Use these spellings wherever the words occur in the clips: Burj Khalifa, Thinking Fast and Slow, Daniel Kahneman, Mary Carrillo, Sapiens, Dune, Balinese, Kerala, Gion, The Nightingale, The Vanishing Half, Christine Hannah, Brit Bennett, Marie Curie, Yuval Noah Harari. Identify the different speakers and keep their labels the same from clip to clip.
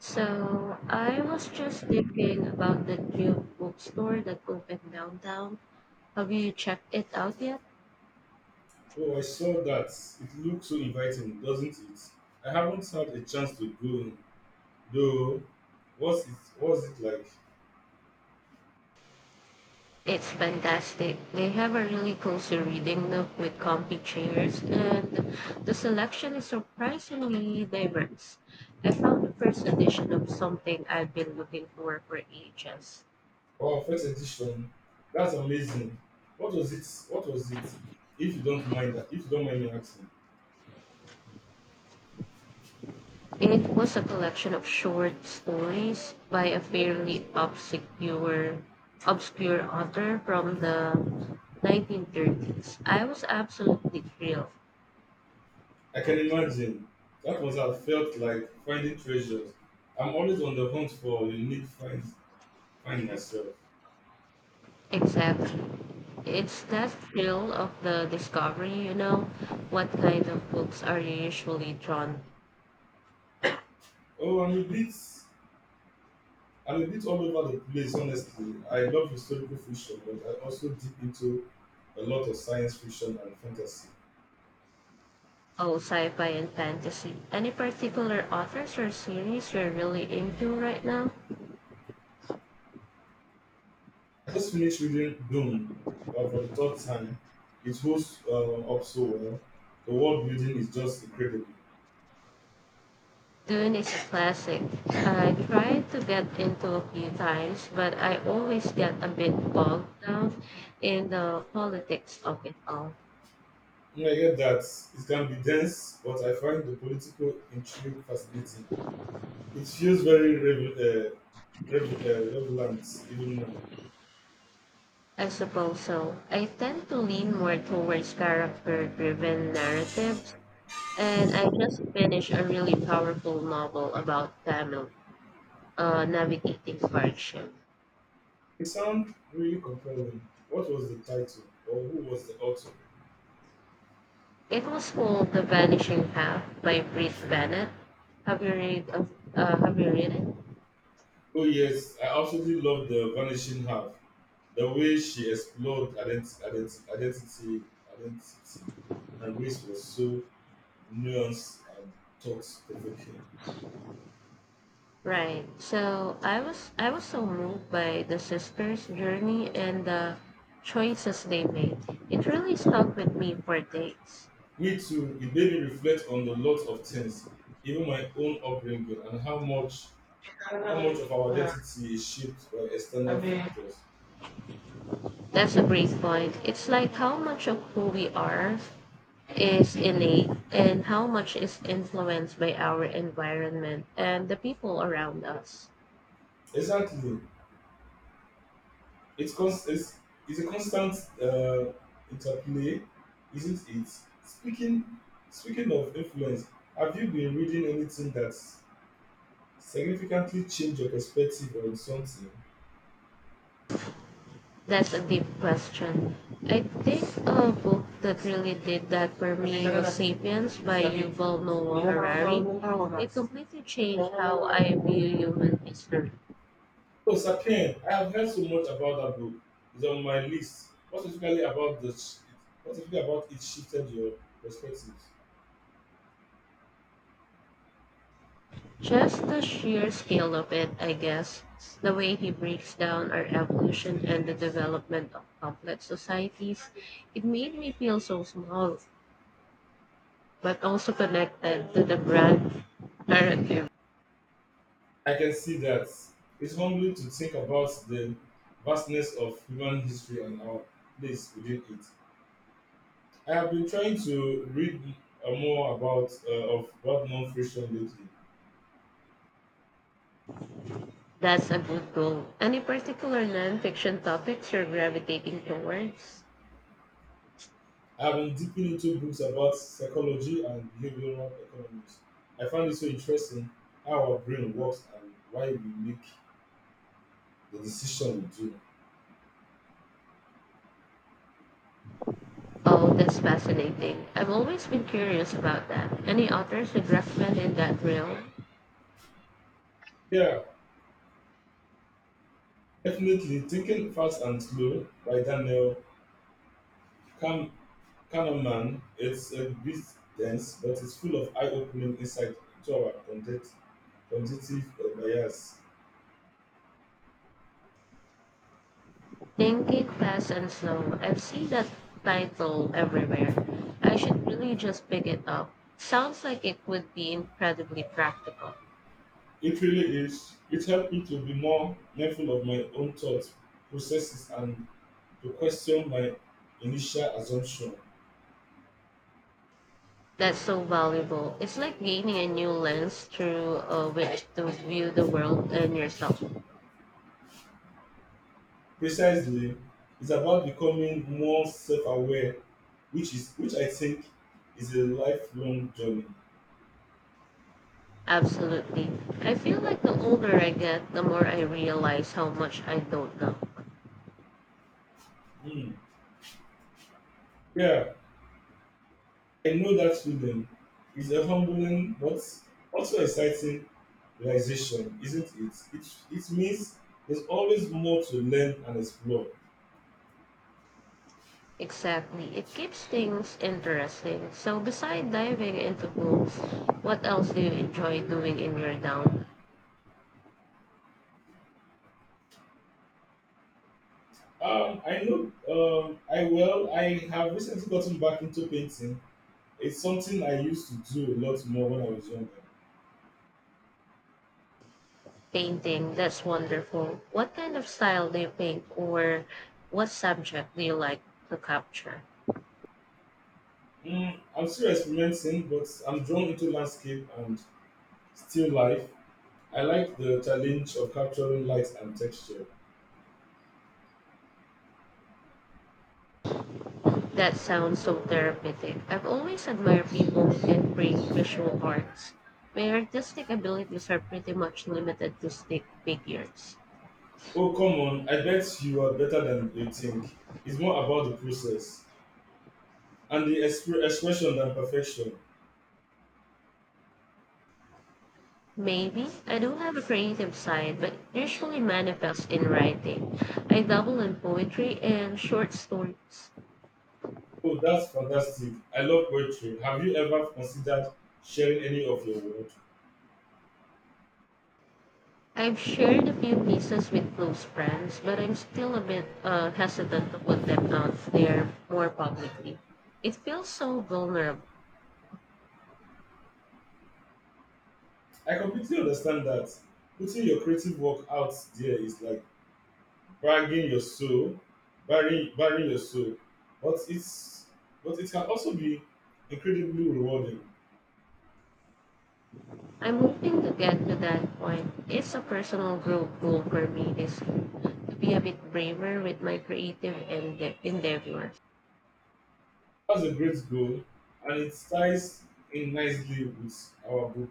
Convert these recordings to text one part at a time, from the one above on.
Speaker 1: So I was just thinking about the new bookstore that opened downtown. Have you checked it out yet?
Speaker 2: Oh, I saw that. It looks so inviting, doesn't it? I haven't had a chance to go though. What's it like?
Speaker 1: It's fantastic. They have a really cozy reading nook with comfy chairs, and the selection is surprisingly diverse. I found the first edition of something I've been looking for ages.
Speaker 2: Oh, first edition. That's amazing. What was it? What was it? If you don't mind me asking.
Speaker 1: It was a collection of short stories by a fairly obscure author from the 1930s. I was absolutely thrilled.
Speaker 2: I can imagine. That must have felt like finding treasures. I'm always on the hunt for a unique find myself.
Speaker 1: Exactly. It's that thrill of the discovery, you know. What kind of books are you usually drawn?
Speaker 2: Oh, I'm a bit all over the place, honestly. I love historical fiction, but I also dip into a lot of science fiction and fantasy.
Speaker 1: Oh, sci-fi and fantasy. Any particular authors or series you're really into right now?
Speaker 2: I just finished reading Dune for the third time. It holds up so well. The world building is just incredible.
Speaker 1: Dune is a classic. I tried to get into a few times, but I always get a bit bogged down in the politics of it all.
Speaker 2: When I get that, it can be dense, but I find the political intrigue fascinating. It feels very relevant even now.
Speaker 1: I suppose so. I tend to lean more towards character driven narratives, and I just finished a really powerful novel about family navigating hardship.
Speaker 2: It sounds really compelling. What was the title, or who was the author?
Speaker 1: It was called The Vanishing Half by Brit Bennett. Have you read it?
Speaker 2: Oh yes, I absolutely love the Vanishing Half. The way she explored identity, and race was so nuanced and thought provoking.
Speaker 1: Right. So I was so moved by the sisters' journey and the choices they made. It really stuck with me for days.
Speaker 2: Me too. It made me reflect on a lot of things, even my own upbringing and how much of our identity is shaped by external factors.
Speaker 1: That's a great point. It's like how much of who we are is innate and how much is influenced by our environment and the people around us.
Speaker 2: Exactly. It's, cons- it's, it's a constant uh, interplay, isn't it? Speaking speaking of influence, have you been reading anything that's significantly changed your perspective on something?
Speaker 1: That's a deep question. I think a book that really did that for me was Sapiens by Yuval Noah Harari. It completely changed how I view human history.
Speaker 2: Oh, Sapien, I have heard so much about that book. It's on my list. What specifically about it shifted your perspective?
Speaker 1: Just the sheer scale of it, I guess. The way he breaks down our evolution and the development of complex societies, it made me feel so small, but also connected to the grand narrative.
Speaker 2: I can see that. It's humbling to think about the vastness of human history and our place within it. I have been trying to read more about of well-known fiction lately.
Speaker 1: That's a good goal. Any particular nonfiction topics you're gravitating towards?
Speaker 2: I have been dipping into books about psychology and behavioral economics. I find it so interesting how our brain works and why we make the decision we do.
Speaker 1: Oh, that's fascinating. I've always been curious about that. Any authors you'd recommend in that realm?
Speaker 2: Yeah, definitely. Thinking Fast and Slow by Daniel Kahn- Kahneman. It's a bit dense, but it's full of eye-opening insight into our cognitive bias.
Speaker 1: Thinking Fast and Slow. I've seen that title everywhere. I should really just pick it up. Sounds like it would be incredibly practical.
Speaker 2: It really is. It helped me to be more mindful of my own thought processes and to question my initial assumption.
Speaker 1: That's so valuable. It's like gaining a new lens through which to view the world and yourself.
Speaker 2: Precisely, it's about becoming more self-aware, which is which I think is a lifelong journey.
Speaker 1: Absolutely. I feel like the older I get, the more I realize how much I don't know.
Speaker 2: Hmm. Yeah, I know that feeling. It's a humbling but also exciting realization, isn't it? It means there's always more to learn and explore.
Speaker 1: Exactly. It keeps things interesting. So, beside diving into books, what else do you enjoy doing in your down?
Speaker 2: I know I well, I have recently gotten back into painting. It's something I used to do a lot more when I was younger.
Speaker 1: Painting, that's wonderful. What kind of style do you paint, or what subject do you like to capture?
Speaker 2: Mm, I'm still experimenting, but I'm drawn into landscape and still life. I like the challenge of capturing light and texture.
Speaker 1: That sounds so therapeutic. I've always admired people who can create visual arts. My artistic abilities are pretty much limited to stick figures.
Speaker 2: Oh, come on, I bet you are better than you think. It's more about the process and the expression than perfection.
Speaker 1: Maybe I do have a creative side, but it usually manifests in writing. I dabble in poetry and short stories.
Speaker 2: Oh, that's fantastic. I love poetry. Have you ever considered sharing any of your work?
Speaker 1: I've shared a few pieces with close friends, but I'm still a bit hesitant to put them out there more publicly. It feels so vulnerable.
Speaker 2: I completely understand that. Putting your creative work out there is like bragging your soul, burying your soul. But it can also be incredibly rewarding.
Speaker 1: I'm hoping to get to that point. It's a personal growth goal for me this year to be a bit braver with my creative endeavors.
Speaker 2: That's a great goal, and it ties in nicely with our book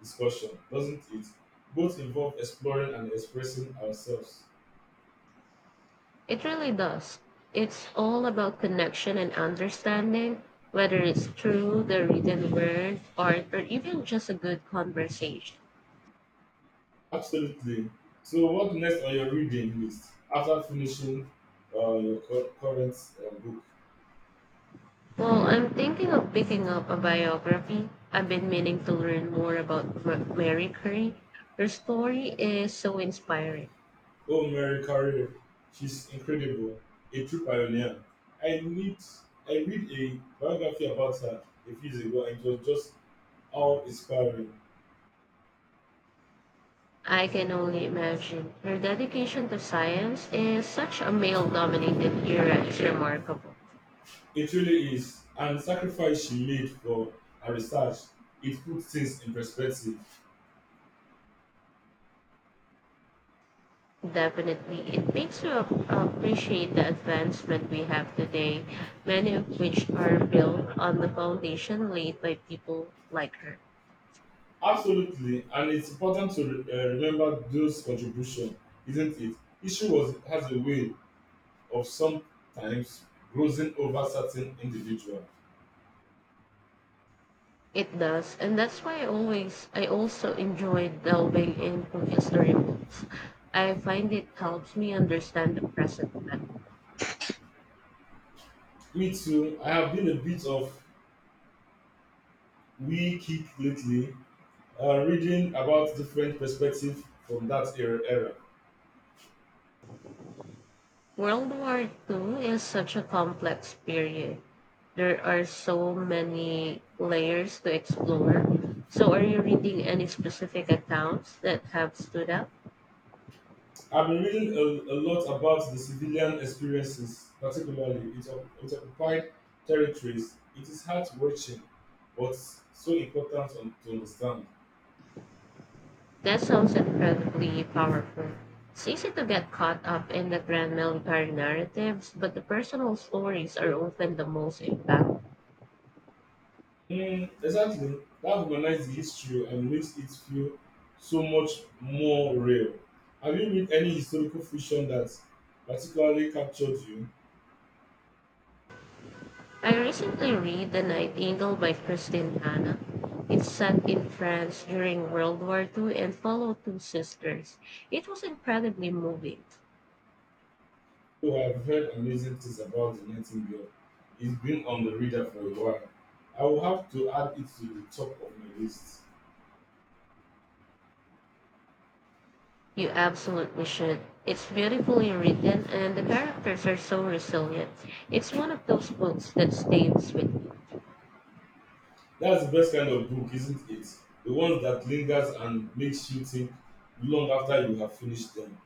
Speaker 2: discussion, doesn't it? Both involve exploring and expressing ourselves.
Speaker 1: It really does. It's all about connection and understanding, whether it's through the written word, art, or even just a good conversation.
Speaker 2: Absolutely. So, what's next on your reading list after finishing your current book?
Speaker 1: Well, I'm thinking of picking up a biography. I've been meaning to learn more about Mary Curie. Her story is so inspiring.
Speaker 2: Oh, Mary Carrillo, she's incredible, a true pioneer. I need I read a biography about her a few years ago and it was just how inspiring.
Speaker 1: I can only imagine. Her dedication to science in such a male dominated era is remarkable.
Speaker 2: It really is. And the sacrifice she made for her research, it puts things in perspective.
Speaker 1: Definitely, it makes you appreciate the advancement we have today, many of which are built on the foundation laid by people like her.
Speaker 2: Absolutely, and it's important to remember those contributions, isn't it? Issue was has a way of sometimes grossing over certain individual.
Speaker 1: It does, and that's why I also enjoy delving into history books. I find it helps me understand the present better.
Speaker 2: Me too. I have been a bit of we keep lately reading about different perspectives from that era.
Speaker 1: World War II is such a complex period. There are so many layers to explore. So, are you reading any specific accounts that have stood out?
Speaker 2: I've been reading a lot about the civilian experiences, particularly it occupied territories. It is heart wrenching, but so important to understand.
Speaker 1: That sounds incredibly powerful. It's easy to get caught up in the grand military narratives, but the personal stories are often the most impactful.
Speaker 2: Mm, exactly, that humanized the history and makes it feel so much more real. Have you read any historical fiction that particularly captured you?
Speaker 1: I recently read The Nightingale by Christine Hanna. It's set in France during World War II and follows two sisters. It was incredibly moving.
Speaker 2: Who have heard amazing things about the Nightingale. It's been on the radar for a while. I will have to add it to the top of my list.
Speaker 1: You absolutely should. It's beautifully written and the characters are so resilient. It's one of those books that stays with you.
Speaker 2: That's the best kind of book, isn't it? The ones that lingers and makes you think long after you have finished them.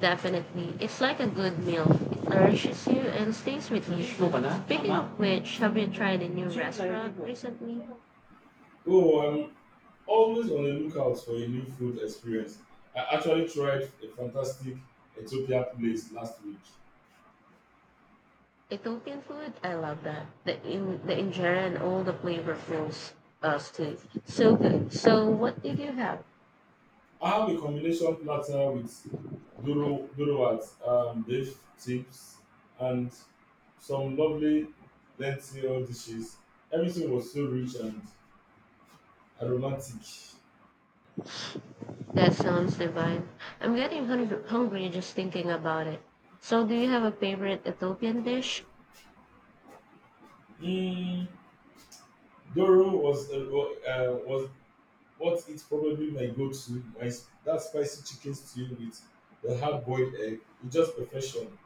Speaker 1: Definitely. It's like a good meal. It nourishes you and stays with you. Speaking of which, have you tried a new restaurant recently?
Speaker 2: Oh, I'm always on the lookout for a new food experience. I actually tried a fantastic Ethiopia place last week.
Speaker 1: Ethiopian food, I love that. The injera and all the flavorfuls stew. So good. So what did you have?
Speaker 2: I have a combination platter with duro dorowat, date chips, and some lovely lentil dishes. Everything was so rich and aromatic.
Speaker 1: That sounds divine. I'm getting hungry just thinking about it. So do you have a favorite Ethiopian dish?
Speaker 2: Mm, doro was what it's probably my go-to. That spicy chicken stew with the hard-boiled egg. It's just perfection.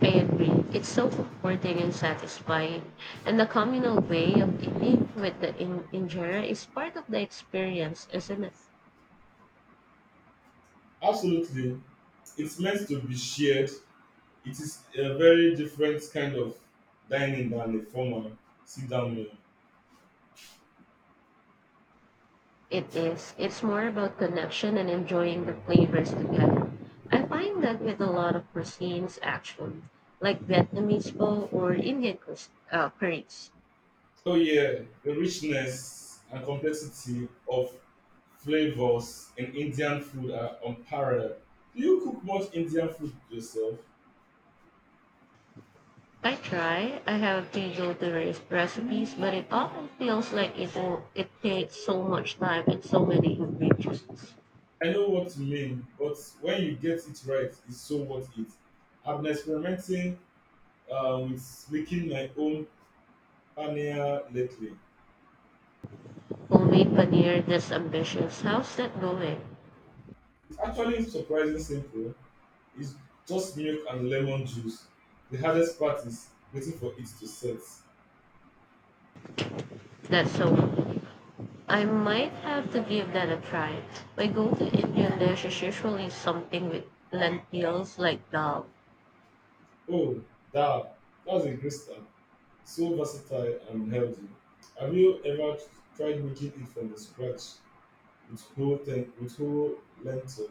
Speaker 1: I agree. It's so comforting and satisfying. And the communal way of eating with the injera is part of the experience, isn't it?
Speaker 2: Absolutely, it's meant to be shared. It is a very different kind of dining than a formal sit down meal.
Speaker 1: It is. It's more about connection and enjoying the flavors together. I find that with a lot of cuisines, actually, like Vietnamese pho or Indian curries.
Speaker 2: Oh yeah, the richness and complexity of flavors in Indian food are unparalleled. Do you cook much Indian food yourself?
Speaker 1: I try. I have to go to various recipes, but it often feels like it takes so much time and so many ingredients.
Speaker 2: I know what you mean, but when you get it right, it's so worth it. I've been experimenting with making my own paneer lately.
Speaker 1: Homemade paneer, this ambitious. How's that going?
Speaker 2: It's actually surprisingly simple. It's just milk and lemon juice. The hardest part is waiting for it to set.
Speaker 1: That's so I might have to give that a try. My go-to Indian dish is usually something with lentils like dal.
Speaker 2: Oh, dab. That's a great start. So versatile and healthy. Have you ever tried making it from the scratch with with whole lentil?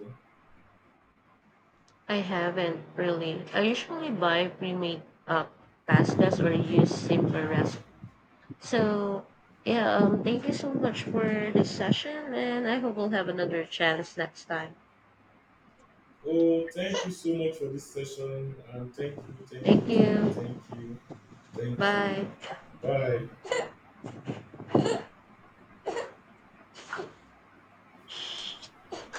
Speaker 1: I haven't really. I usually buy pre-made pastas or use simple recipes. So yeah, thank you so much for this session, and I hope we'll have another chance next time.
Speaker 2: Oh, thank you so much for this session. And
Speaker 1: Thank you.
Speaker 2: thank
Speaker 1: Bye.
Speaker 2: you. Bye.